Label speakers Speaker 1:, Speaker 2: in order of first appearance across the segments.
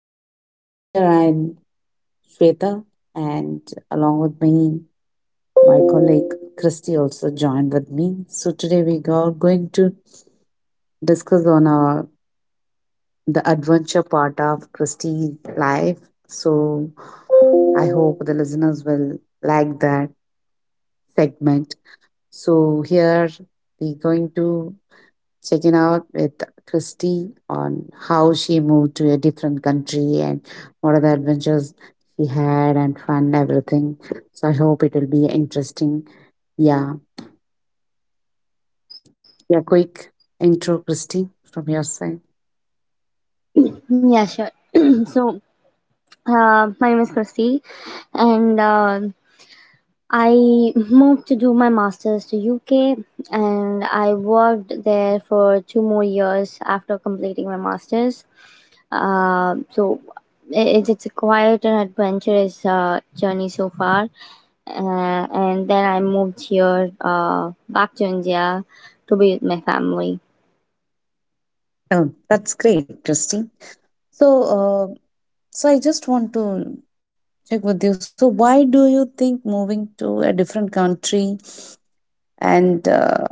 Speaker 1: guys. So, here I'm Shweta, and along with me, my colleague Christy also joined with me. So, today we are going to discuss the adventure part of Christy's life. So, I hope the listeners will like that segment. So, here we're going to checking out with Christy on how she moved to a different country and what are the adventures she had and fun, everything. So I hope it will be interesting. Yeah. Yeah, quick intro, Christy, from your side.
Speaker 2: Yeah, sure. So my name is Christy, and I moved to do my master's to UK, and I worked there for 2 more years after completing my master's. Uh, so, it's a quite an adventurous journey so far. And then I moved here back to India to be with my family.
Speaker 1: Oh, that's great, Christy. So, so I just want to check with you. So, why do you think moving to a different country and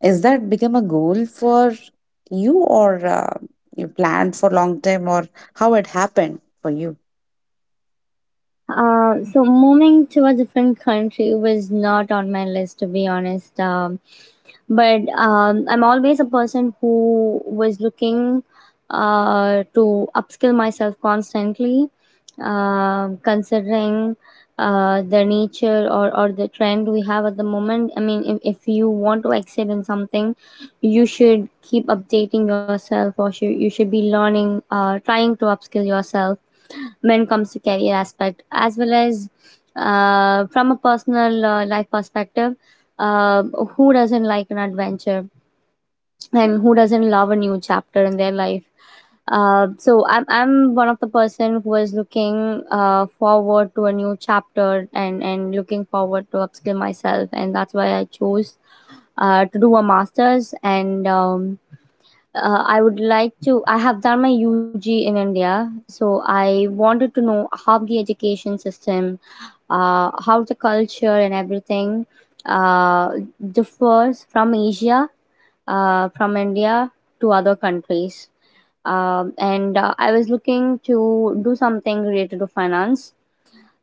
Speaker 1: is that become a goal for you, or you planned for long time, or how it happened for you?
Speaker 2: So moving to a different country was not on my list, to be honest, but I'm always a person who was looking to upskill myself constantly, considering the nature or the trend we have at the moment. I mean, if you want to excel in something, you should keep updating yourself you should be learning, trying to upskill yourself when it comes to career aspect as well as from a personal life perspective. Who doesn't like an adventure, and who doesn't love a new chapter in their life? So I'm one of the person who is looking forward to a new chapter, and looking forward to upskill myself, and that's why I chose to do a master's. And I would like to. I have done my UG in India, so I wanted to know how the education system, how the culture and everything uh, differs from Asia, from India to other countries. And I was looking to do something related to finance.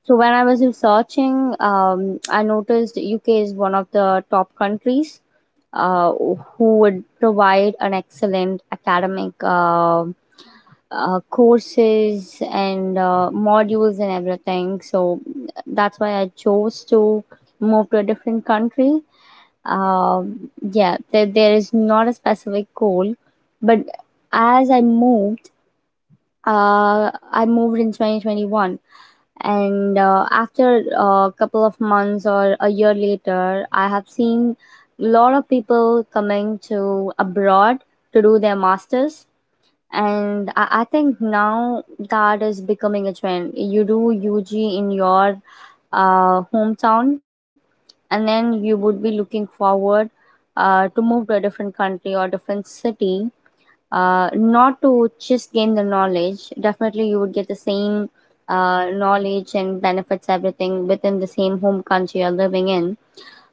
Speaker 2: So when I was researching, I noticed UK is one of the top countries who would provide an excellent academic courses and modules and everything. So that's why I chose to move to a different country. There is not a specific goal, but as I moved in 2021, and after a couple of months or a year later, I have seen a lot of people coming to abroad to do their masters. And I think now that is becoming a trend. You do UG in your hometown, and then you would be looking forward to move to a different country or different city, not to just gain the knowledge. Definitely, you would get the same knowledge and benefits, everything, within the same home country you're living in,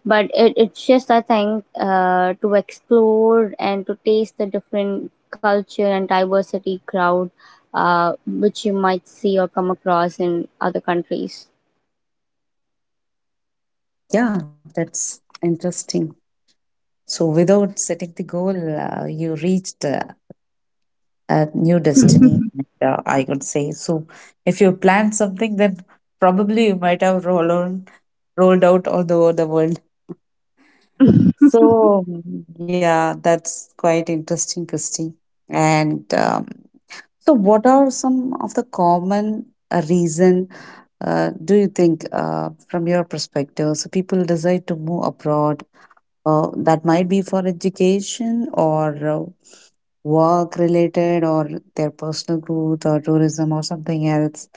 Speaker 2: but it's just, I think, to explore and to taste the different culture and diversity crowd which you might see or come across in other countries.
Speaker 1: Yeah, that's interesting. So, without setting the goal, you reached a new destiny, I could say. So, if you plan something, then probably you might have rolled out all over the world. So, yeah, that's quite interesting, Christy. And so, what are some of the common reason do you think, from your perspective, so people decide to move abroad? That might be for education or work related, or their personal growth or tourism or something else.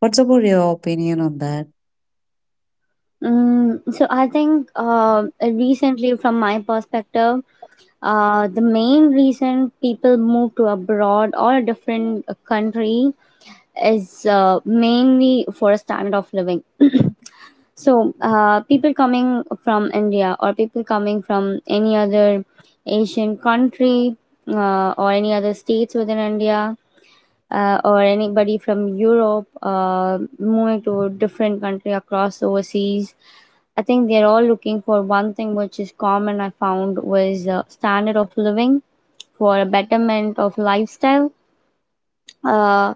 Speaker 1: What's about your opinion on that?
Speaker 2: So I think, recently, from my perspective, the main reason people move to abroad or a different country is mainly for a standard of living. So people coming from India, or people coming from any other Asian country, or any other states within India, or anybody from Europe moving to a different country across overseas, I think they're all looking for one thing which is common. I found was standard of living, for a betterment of lifestyle. uh,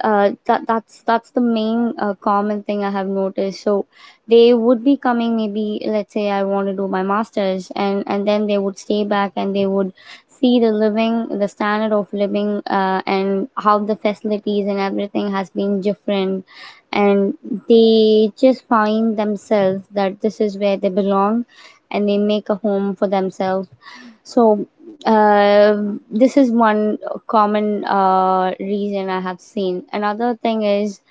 Speaker 2: uh, that that's that's the main common thing I have noticed. So they would be coming. Maybe, let's say, I want to do my masters, and then they would stay back, and they would see the standard of living, and how the facilities and everything has been different, and they just find themselves that this is where they belong, and they make a home for themselves. So uh, this is one common reason I have seen. Another thing is,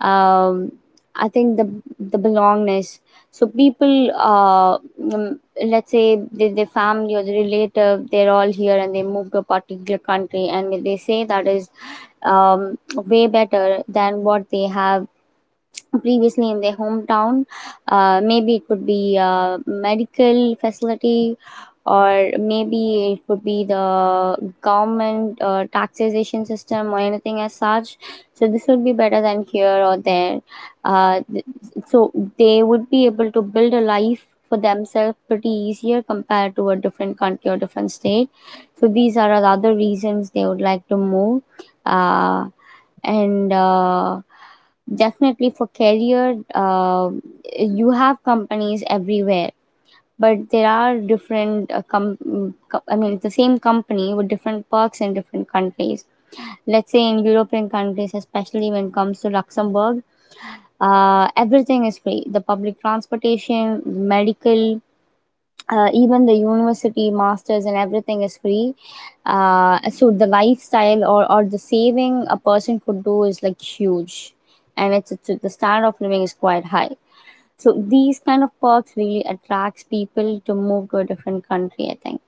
Speaker 2: um, I think the belongingness. So people, let's say their family or the relative, they're all here, and they move to a particular country, and they say that is way better than what they have previously in their hometown. Maybe it could be a medical facility, or maybe it could be the government taxation system or anything as such. So this would be better than here or there. Uh, th- so they would be able to build a life for themselves pretty easier compared to a different country or different state. So these are the other reasons they would like to move. Uh, and Definitely for career, you have companies everywhere, but there are different I mean, the same company with different perks in different countries. Let's say in European countries, especially when it comes to Luxembourg, everything is free. The public transportation, medical, even the university masters and everything is free, so the lifestyle, or the saving a person could do, is like huge, and it's the standard of living is quite high. So these kind of perks really attracts people to move to a different country, I think.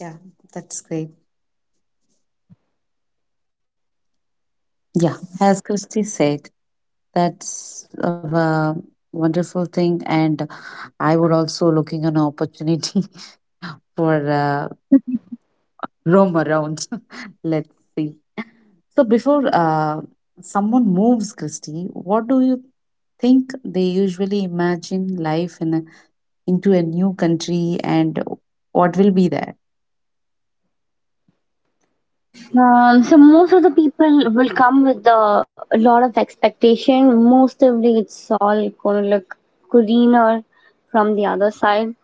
Speaker 1: Yeah, that's great. Yeah, as Christy said, that's a wonderful thing, and I would also looking an opportunity for roam around. Let's see. So before someone moves, Christy, what do you think they usually imagine life into a new country, and what will be there?
Speaker 2: So most of the people will come with a lot of expectation. Most of it's all gonna look greener from the other side,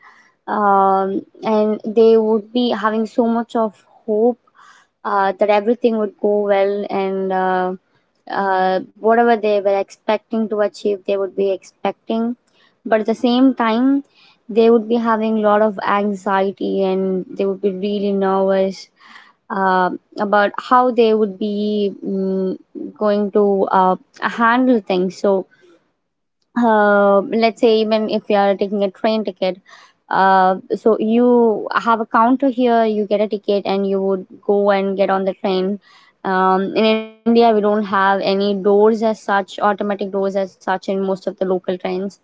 Speaker 2: and they would be having so much of hope that everything would go well, and whatever they were expecting to achieve, they would be expecting. But at the same time, they would be having a lot of anxiety, and they would be really nervous uh, about how they would be going to handle things. So, let's say even if you are taking a train ticket, so you have a counter here, you get a ticket, and you would go and get on the train. In India, we don't have any doors as such, automatic doors as such, in most of the local trains.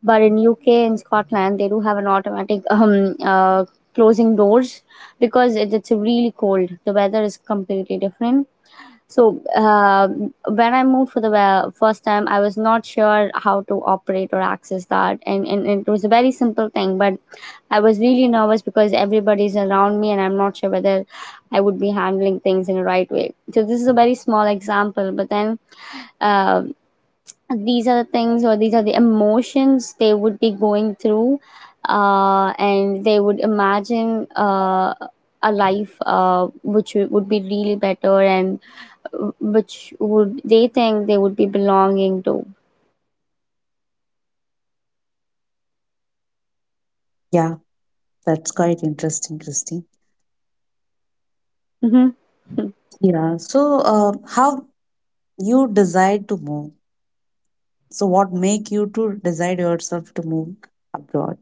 Speaker 2: But in UK and Scotland, they do have an automatic closing doors, because it's really cold. The weather is completely different. So when I moved for the first time, I was not sure how to operate or access that, and it was a very simple thing. But I was really nervous because everybody's around me, and I'm not sure whether I would be handling things in the right way. So this is a very small example, but then uh, these are the things, or these are the emotions they would be going through, and they would imagine a life which would be really better, and which would they think they would be belonging to.
Speaker 1: Yeah, that's quite interesting, Christy.
Speaker 2: Hmm.
Speaker 1: Yeah. So, how you decide to move? So, what make you to decide yourself to move abroad?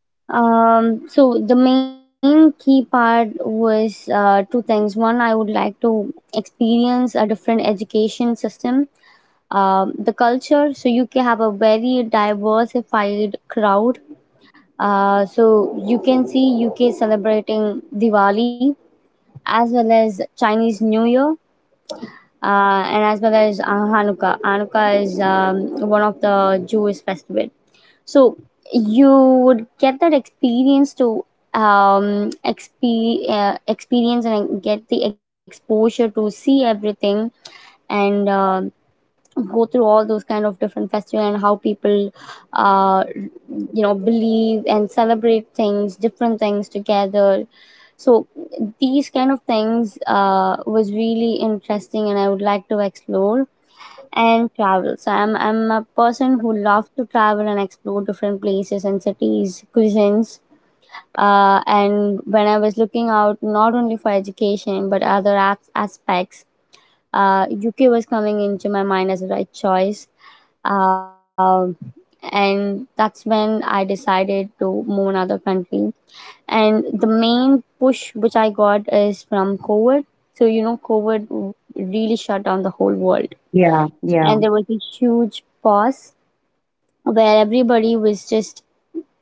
Speaker 2: So the main key part was two things. One, I would like to experience a different education system, the culture. So you can have a very diversified crowd. So you can see UK celebrating Diwali, as well as Chinese New Year, and as well as Hanukkah. Hanukkah is one of the Jewish festival. So you would get that experience to experience and get the exposure to see everything, and go through all those kind of different festival, and how people you know believe and celebrate things, different things together. So these kind of things was really interesting, and I would like to explore and travel. So I'm a person who loves to travel and explore different places and cities, cuisines, and when I was looking out not only for education but other aspects, UK was coming into my mind as the right choice. Um, and that's when I decided to move another country. And the main push which I got is from COVID. So, you know, COVID really shut down the whole world.
Speaker 1: Yeah, yeah,
Speaker 2: And there was a huge pause where everybody was just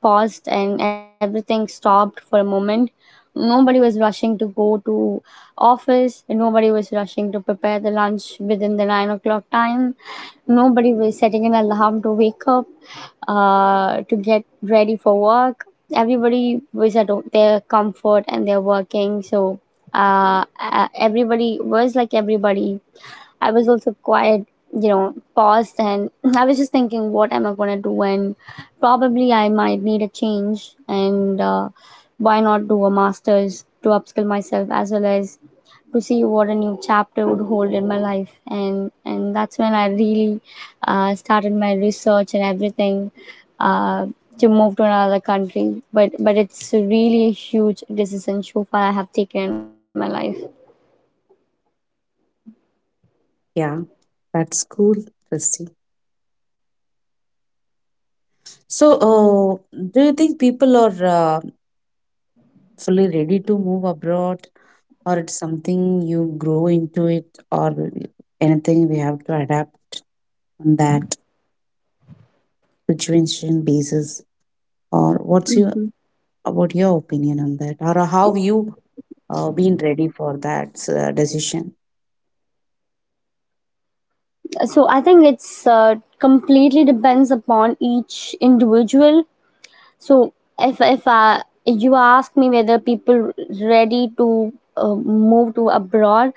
Speaker 2: paused, and everything stopped for a moment. Nobody was rushing to go to office. Nobody was rushing to prepare the lunch within the 9 o'clock time. Nobody was setting an alarm to wake up, to get ready for work. Everybody was at their comfort and they're working. So everybody, I was also quite, you know, paused, and I was just thinking, what am I going to do? And probably I might need a change. And why not do a master's to upskill myself, as well as to see what a new chapter would hold in my life. And that's when I really started my research and everything. Uh, to move to another country, but it's really a huge decision so far I have taken in my life.
Speaker 1: yeah. That's cool, Christy. So, do you think people are fully ready to move abroad, or it's something you grow into it, or anything we have to adapt on that situation basis, or what's your
Speaker 2: Mhm.
Speaker 1: about your opinion on that, or how you been ready for that decision?
Speaker 2: So I think it's completely depends upon each individual. So if I, you ask me whether people ready to move to abroad.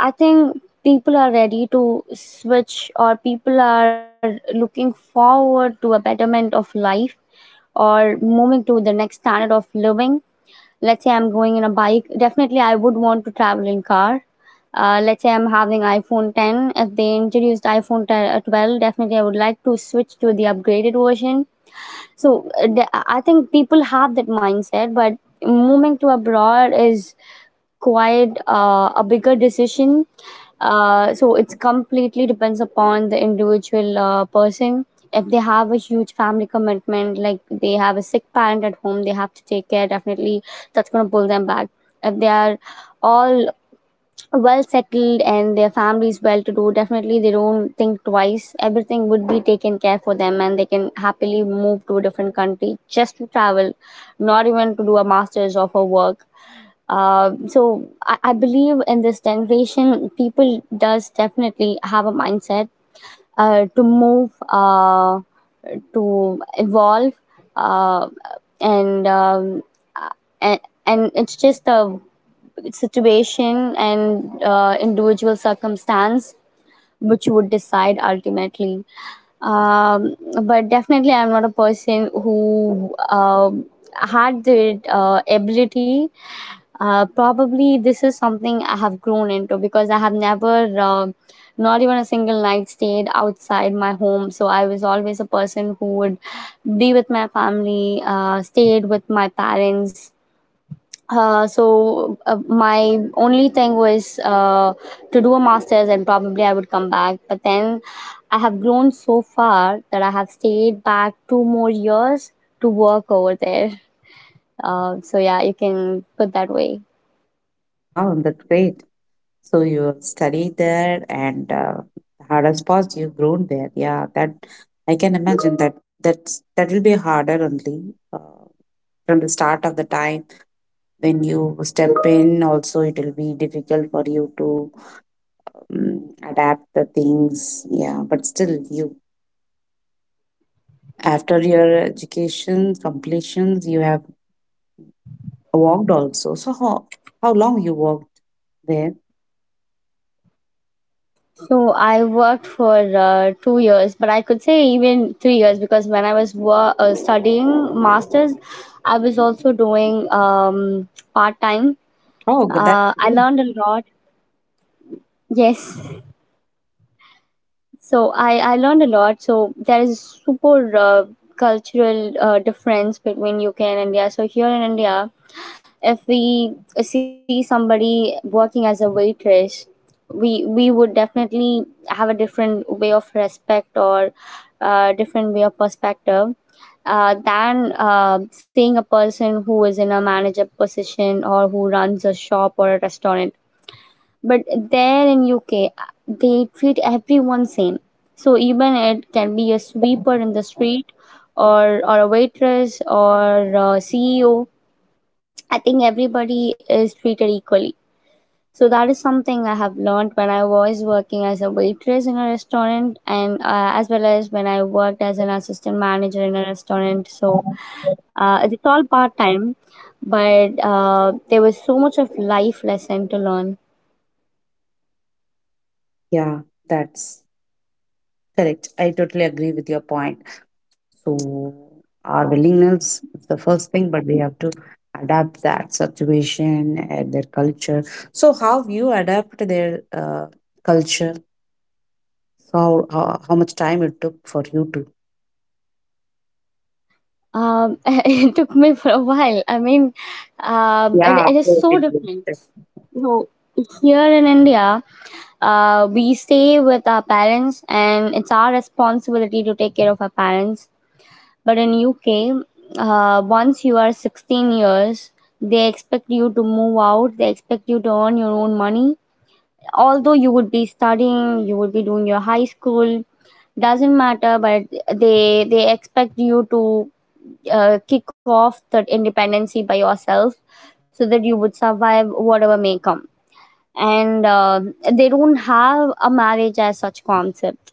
Speaker 2: I think people are ready to switch, or people are looking forward to a betterment of life, or moving to the next standard of living. Let's say I'm going in a bike, definitely I would want to travel in car. Let's say I'm having iphone 10, if they introduced iphone 10, 12, definitely I would like to switch to the upgraded version. So I think people have that mindset, but moving to abroad is quite a bigger decision. So it's completely depends upon the individual person. If they have a huge family commitment, like they have a sick parent at home, they have to take care. Definitely, that's gonna pull them back. If they are all well settled and their families well to do, definitely they don't think twice. Everything would be taken care for them and they can happily move to a different country just to travel, not even to do a master's or for work. So I believe in this generation, people does definitely have a mindset to move, to evolve, uh, and um, a- and it's just a situation and individual circumstance which would decide ultimately um, but definitely I'm not a person who had the ability. Probably this is something I have grown into, because I have never not even a single night stayed outside my home. So I was always a person who would be with my family, stayed with my parents. My only thing was to do a master's and probably I would come back. But then I have grown so far that I have stayed back two more years to work over there. So yeah, you can put that way.
Speaker 1: Wow, that's great. So you studied there, and the hardest part you've grown there, yeah. That I can imagine that that will be harder only, uh, from the start of the time when you step in also it will be difficult for you to adapt the things, yeah, but still you, after your education completions you have worked also. So how long you worked there?
Speaker 2: So I worked for 2 years, but I could say even 3 years, because when I was studying masters, I was also doing part time.
Speaker 1: Oh g- that's
Speaker 2: I
Speaker 1: great.
Speaker 2: learned a lot. Yes, so I learned a lot. So there is super cultural difference between UK and India. So here in India, if we see somebody working as a waitress, we would definitely have a different way of respect or different way of perspective than seeing a person who is in a manager position, or who runs a shop or a restaurant. But there in UK they treat everyone same. So even it can be a sweeper in the street, or a waitress, or a CEO. I think everybody is treated equally. So that is something I have learned when I was working as a waitress in a restaurant, and as well as when I worked as an assistant manager in a restaurant. So it's all part time, but there was so much of life lesson to learn.
Speaker 1: Yeah, that's correct. I totally agree with your point. So our willingness is the first thing, but we have to adapt that situation and their culture. So how you adapt their uh, culture? How much time it took for you to?
Speaker 2: It took me for a while. I mean, um, it,
Speaker 1: Yeah, of
Speaker 2: it is
Speaker 1: course
Speaker 2: so
Speaker 1: it will.
Speaker 2: different.
Speaker 1: That's
Speaker 2: So here in India, we stay with our parents, and it's our responsibility to take care of our parents. But in UK, once you are 16 years, they expect you to move out. They expect you to earn your own money. Although you would be studying, you would be doing your high school, doesn't matter, but they expect you to kick off that independency by yourself, so that you would survive whatever may come. And they don't have a marriage as such concept.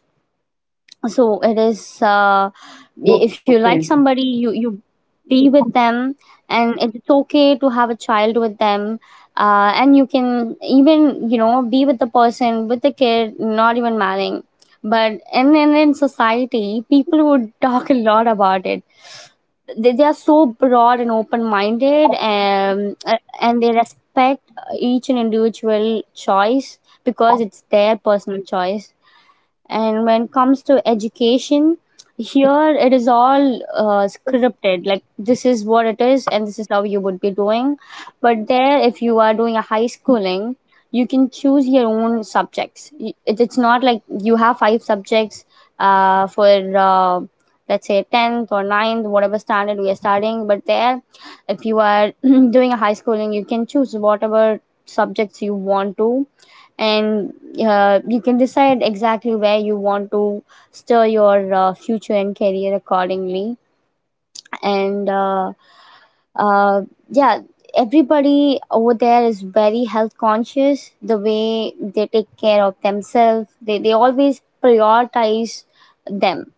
Speaker 2: So it is if you like
Speaker 1: okay.
Speaker 2: somebody, you be with them, and it's okay to have a child with them. And you can even, you know, be with the person with the kid, not even marrying. But in society people would talk a lot about it. They are so broad and open minded, and they respect each and individual choice, because it's their personal choice. And when it comes to education, here it is all scripted, like this is what it is and this is how you would be doing. But there, if you are doing a high schooling, you can choose your own subjects. It's not like you have five subjects for uh, let's say 10th or ninth, whatever standard we are studying. But there, if you are doing a high schooling, you can choose whatever subjects you want to. And you can decide exactly where you want to steer your future and career accordingly. And uh, yeah, everybody over there is very health conscious. The way they take care of themselves, they always prioritize them,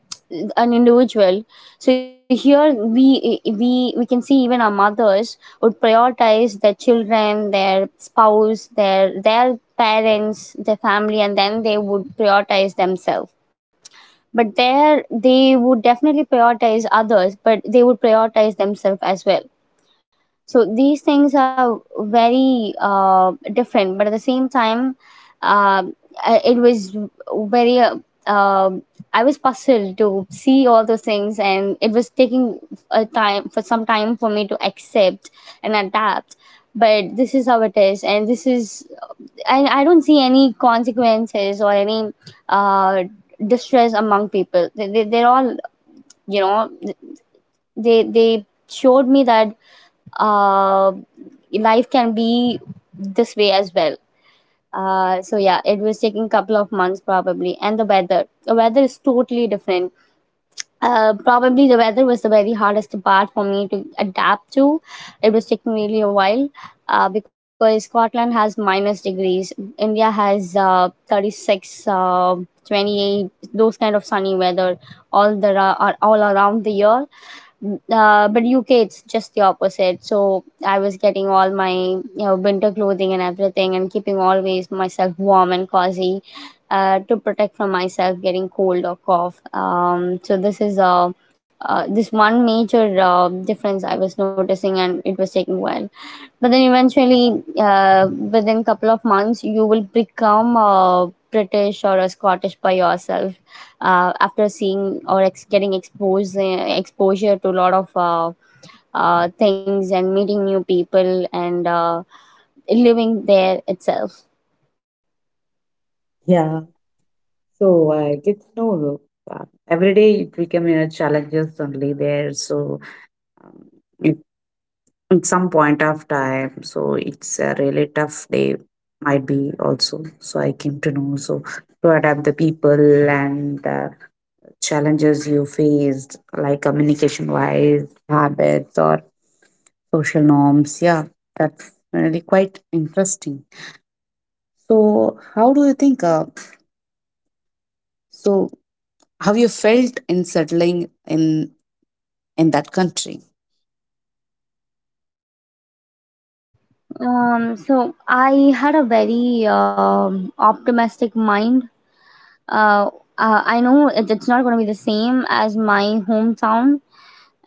Speaker 2: an individual. So here we can see, even our mothers would prioritize their children, their spouse, their parents, their family, and then they would prioritize themselves. But there they would definitely prioritize others, but they would prioritize themselves as well. So these things are very different, but at the same time, uh, it was very. Um I was puzzled to see all those things, and it was taking a time, for some time, for me to accept and adapt. But this is how it is, and this is, and I don't see any consequences or any uh, distress among people. They're all, you know, they showed me that uh, life can be this way as well. So yeah, it was taking couple of months probably, and the weather. The weather is totally different. Probably the weather was the very hardest part for me to adapt to. It was taking really a while, because Scotland has minus degrees. India has 36, 28, those kind of sunny weather are all around the year. But UK, it's just the opposite. So I was getting all my, you know, winter clothing and everything, and keeping always myself warm and cozy, to protect from myself getting cold or cough. So this is this one major difference I was noticing, and it was taking a while. But then eventually, within couple of months you will become a british or a scottish by yourself, after seeing, getting exposed exposure to a lot of things, and meeting new people, and living there itself.
Speaker 1: Yeah, so I did know, every day it became a challenges only there. So um, it, at some point of time, so it's a really tough day might be also. So I came to know so to adapt the people and challenges you faced, like communication wise, habits, or social norms. Yeah, that's really quite interesting. So, how do you think? So, how you felt in settling in that country?
Speaker 2: So I had a very optimistic mind. uh, I know it's not going to be the same as my hometown.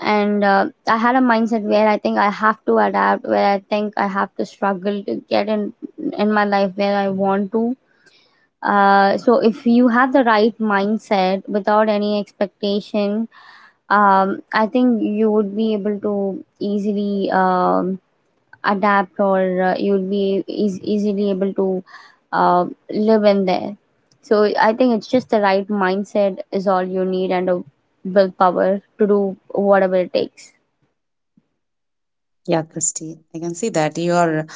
Speaker 2: And I had a mindset where I think I have to adapt, where I think I have to struggle to get in my life where I want to. So if you have the right mindset without any expectation, I think you would be able to easily adapt, or you would be easily able to live in there. So I think it's just, the right mindset is all you need, and a willpower to do whatever it takes.
Speaker 1: Yeah, Christy, I can see that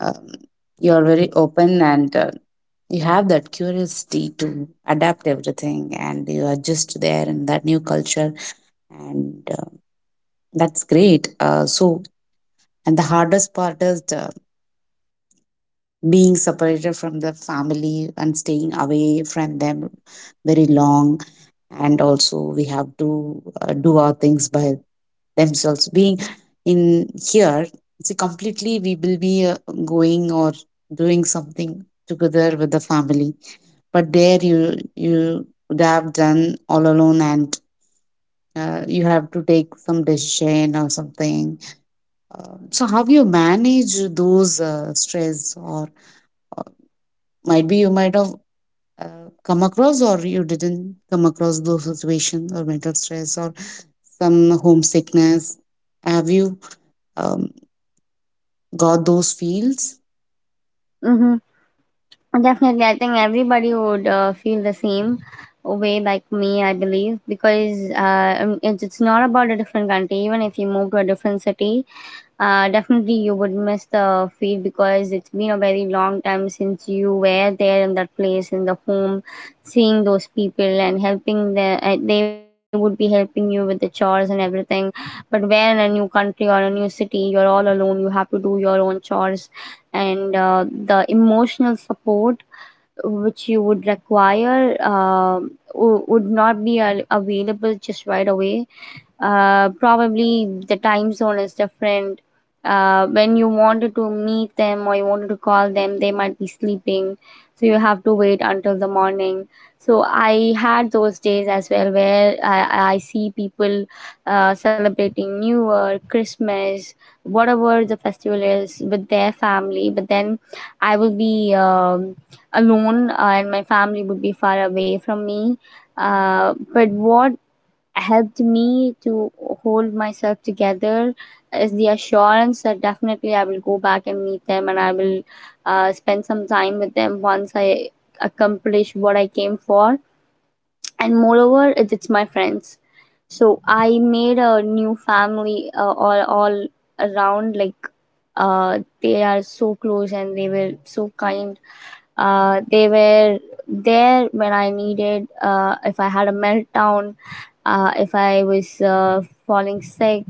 Speaker 1: um, you are very open, and you have that curiosity to adapt everything, and you adjust there in that new culture, and that's great. So, and the hardest part is the being separated from the family and staying away from them very long. And also, we have to do our things by themselves. Being in here, see, completely we will be going or doing something together with the family. But there, you would have done all alone, and you have to take some decision or something. So, how you manage those stress or might be you might have come across, or you didn't come across those situations, or mental stress, or some homesickness. Have you um, got those feels?
Speaker 2: Mhm. Definitely, I think everybody would feel the same way like me, I believe, because it's not about a different country. Even if you move to a different city, definitely you would miss the feel, because it's been a very long time since you were there in that place, in the home, seeing those people and helping the. They would be helping you with the chores and everything. But where in a new country or a new city, you're all alone. You have to do your own chores. And the emotional support which you would require would not be available just right away. Probably the time zone is different. When you wanted to meet them or you wanted to call them, they might be sleeping, so you have to wait until the morning. So I had those days as well, where I see people celebrating New Year, Christmas, whatever the festival is, with their family, but then I will be alone. And my family would be far away from me. But what helped me to hold myself together is the assurance that definitely I will go back and meet them, and I will spend some time with them once I accomplish what I came for. And moreover, it's my friends. So I made a new family, all around, like they are so close and they were so kind. They were there when I needed. Uh, if I had a meltdown, if I was falling sick,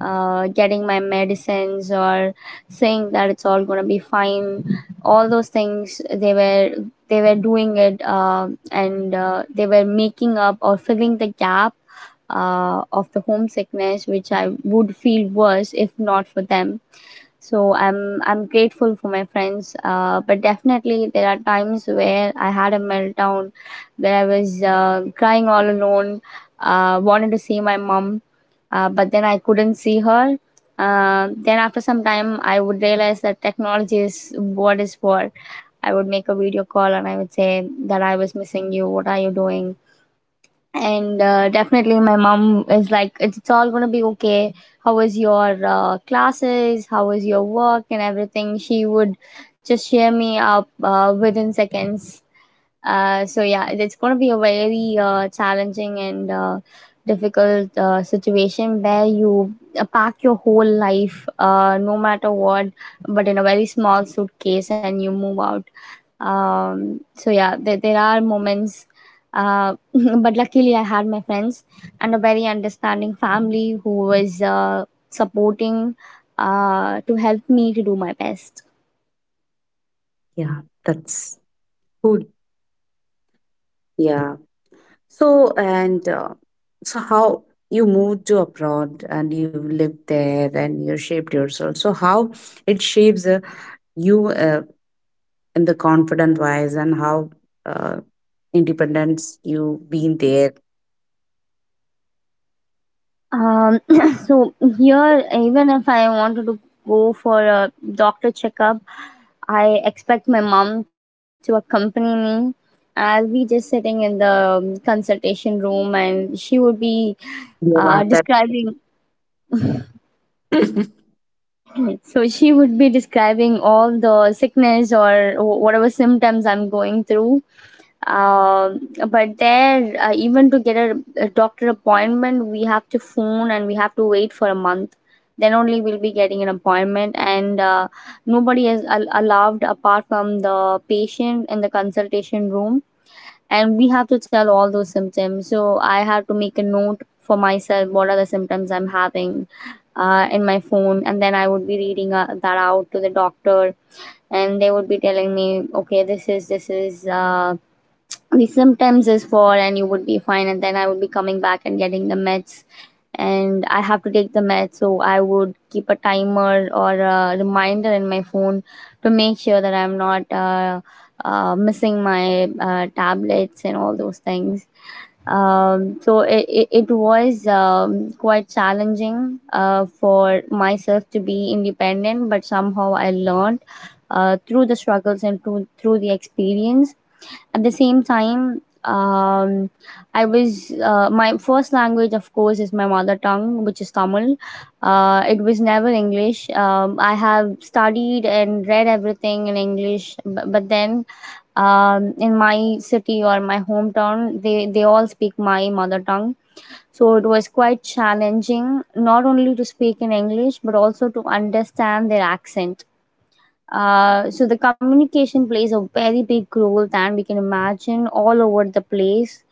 Speaker 2: getting my medicines, or saying that it's all gonna be fine. All those things they were doing it, and they were making up or filling the gap of the homesickness, which I would feel worse if not for them. So I'm grateful for my friends, but definitely there are times where I had a meltdown, where I was crying all alone. Wanted to see my mom, but then I couldn't see her. Then after some time I would realize that technology is what is for. I would make a video call and I would say that I was missing you, what are you doing? And definitely my mom is like, it's all gonna be okay. How was your classes, how was your work and everything? She would just cheer me up within seconds. So yeah, it's going to be a very challenging and difficult situation where you pack your whole life, no matter what, but in a very small suitcase, and you move out. So yeah, there are moments. Uh, but luckily, I had my friends and a very understanding family who was supporting to help me to do my best.
Speaker 1: Yeah, that's good. Yeah. So and so how you moved to abroad and you lived there and you shaped yourself. So how it shapes you in the confident wise and how uh, independence you been there.
Speaker 2: Um, so here, even if I wanted to go for a doctor checkup, I expect my mom to accompany me. I'll be just sitting in the consultation room, and she would be
Speaker 1: Yeah, that
Speaker 2: describing. So she would be describing all the sickness or whatever symptoms I'm going through. But there, even to get a doctor appointment, we have to phone and we have to wait for a month. Then only we'll be getting an appointment, and nobody is allowed apart from the patient in the consultation room. And we have to tell all those symptoms. So I have to make a note for myself what are the symptoms I'm having in my phone, and then I would be reading that out to the doctor, and they would be telling me, okay, this is. The symptoms is for and you would be fine, and then I would be coming back and getting the meds. And I have to take the meds, so I would keep a timer or a reminder in my phone to make sure that I'm not missing my tablets and all those things. So it was quite challenging for myself to be independent, but somehow I learned through the struggles and through the experience. At the same time, I was my first language, of course, is my mother tongue, which is Tamil. It was never English. I have studied and read everything in English, but then in my city or my hometown, they all speak my mother tongue. So it was quite challenging, not only to speak in English, but also to understand their accent. So the communication plays a very big role than we can imagine all over the place.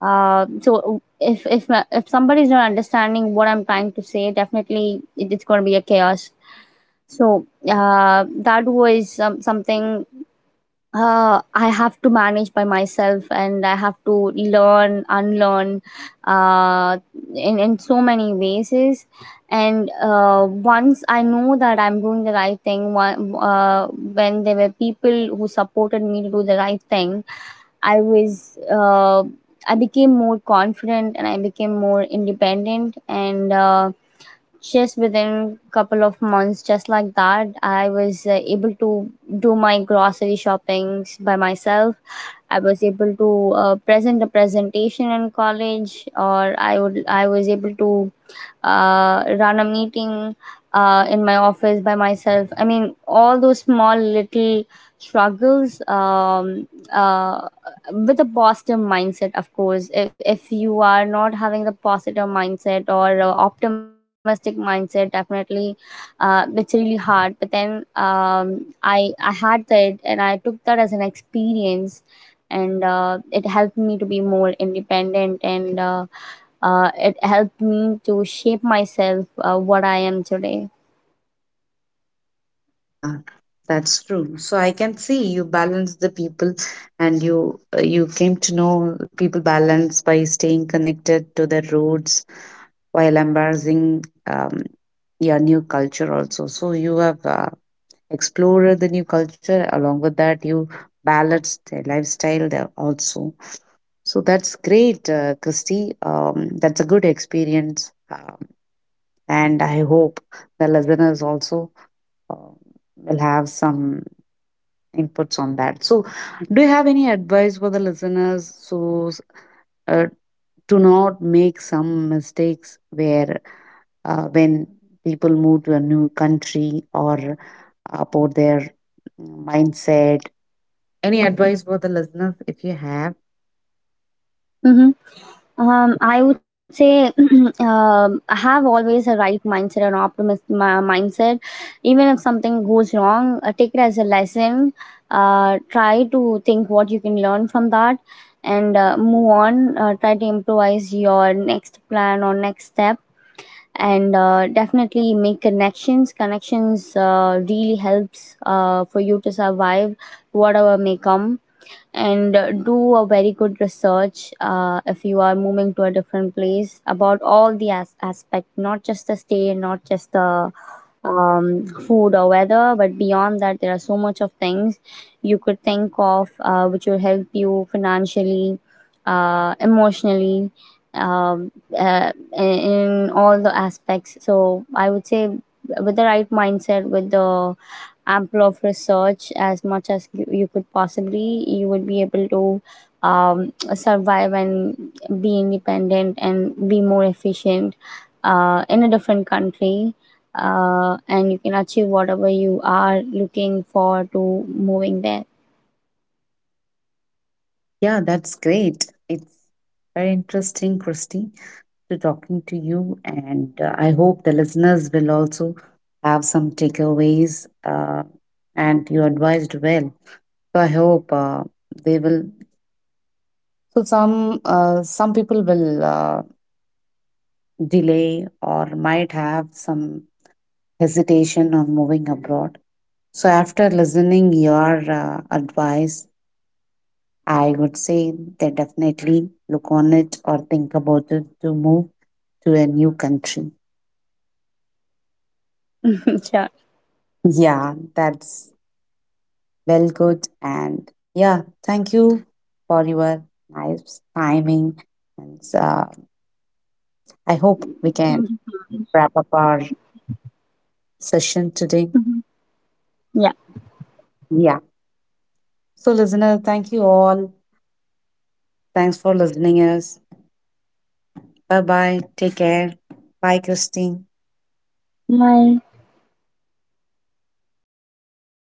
Speaker 2: So if somebody's not understanding what I'm trying to say, definitely it's going to be a chaos. So that was something I have to manage by myself, and I have to learn, unlearn uh, in so many ways. Is. And once I know that I'm doing the right thing, when there were people who supported me to do the right thing, I was. I became more confident and I became more independent, and just within a couple of months, just like that, I was able to do my grocery shoppings by myself. I was able to present a presentation in college, or I would I was able to run a meeting in my office by myself. I mean, all those small little struggles, uh, with a positive mindset, of course. If you are not having the positive mindset or optimistic mindset, definitely it's really hard, but then I had that and I took that as an experience, and it helped me to be more independent, and it helped me to shape myself what I am today.
Speaker 1: yeah, that's true. So I can see you balance the people, and you came to know people balance by staying connected to their roots while embracing your new culture also. So you have explored the new culture. Along with that, you balance their lifestyle there also. So that's great, Christy. That's a good experience. Uh, and I hope the listeners also uh, will have some inputs on that. So, do you have any advice for the listeners so uh, to not make some mistakes where when people move to a new country or about their mindset? Any advice for the listeners if you have?
Speaker 2: Mm-hmm. I would say I have always a right mindset and optimist mindset. Even if something goes wrong, take it as a lesson. Try to think what you can learn from that, and move on. Try to improvise your next plan or next step, and definitely make connections. Connections really helps for you to survive whatever may come. And do a very good research if you are moving to a different place, about all the aspect, not just the stay, not just the food or weather, but beyond that there are so much of things you could think of, which will help you financially, emotionally, um, uh, in all the aspects. So I would say, with the right mindset, with the ample of research as much as you could possibly, you would be able to survive and be independent and be more efficient in a different country, and you can achieve whatever you are looking for to moving there.
Speaker 1: Yeah, that's great. It's very interesting, Christy, to talking to you. And I hope the listeners will also have some takeaways. And you advised well. So I hope they will. So some people will delay or might have some hesitation on moving abroad. So after listening your advice, I would say they definitely look on it or think about it to move to a new country.
Speaker 2: Sure.
Speaker 1: Yeah, that's well, good. And yeah, thank you for your nice timing. And I
Speaker 2: Thank
Speaker 1: hope we can
Speaker 2: you.
Speaker 1: wrap up our session
Speaker 2: Mhm.
Speaker 1: today.
Speaker 2: Yeah.
Speaker 1: Yeah. So, listener, thank you all. Thanks for listening us. Bye bye. Take care. Bye, Christine.
Speaker 2: Bye.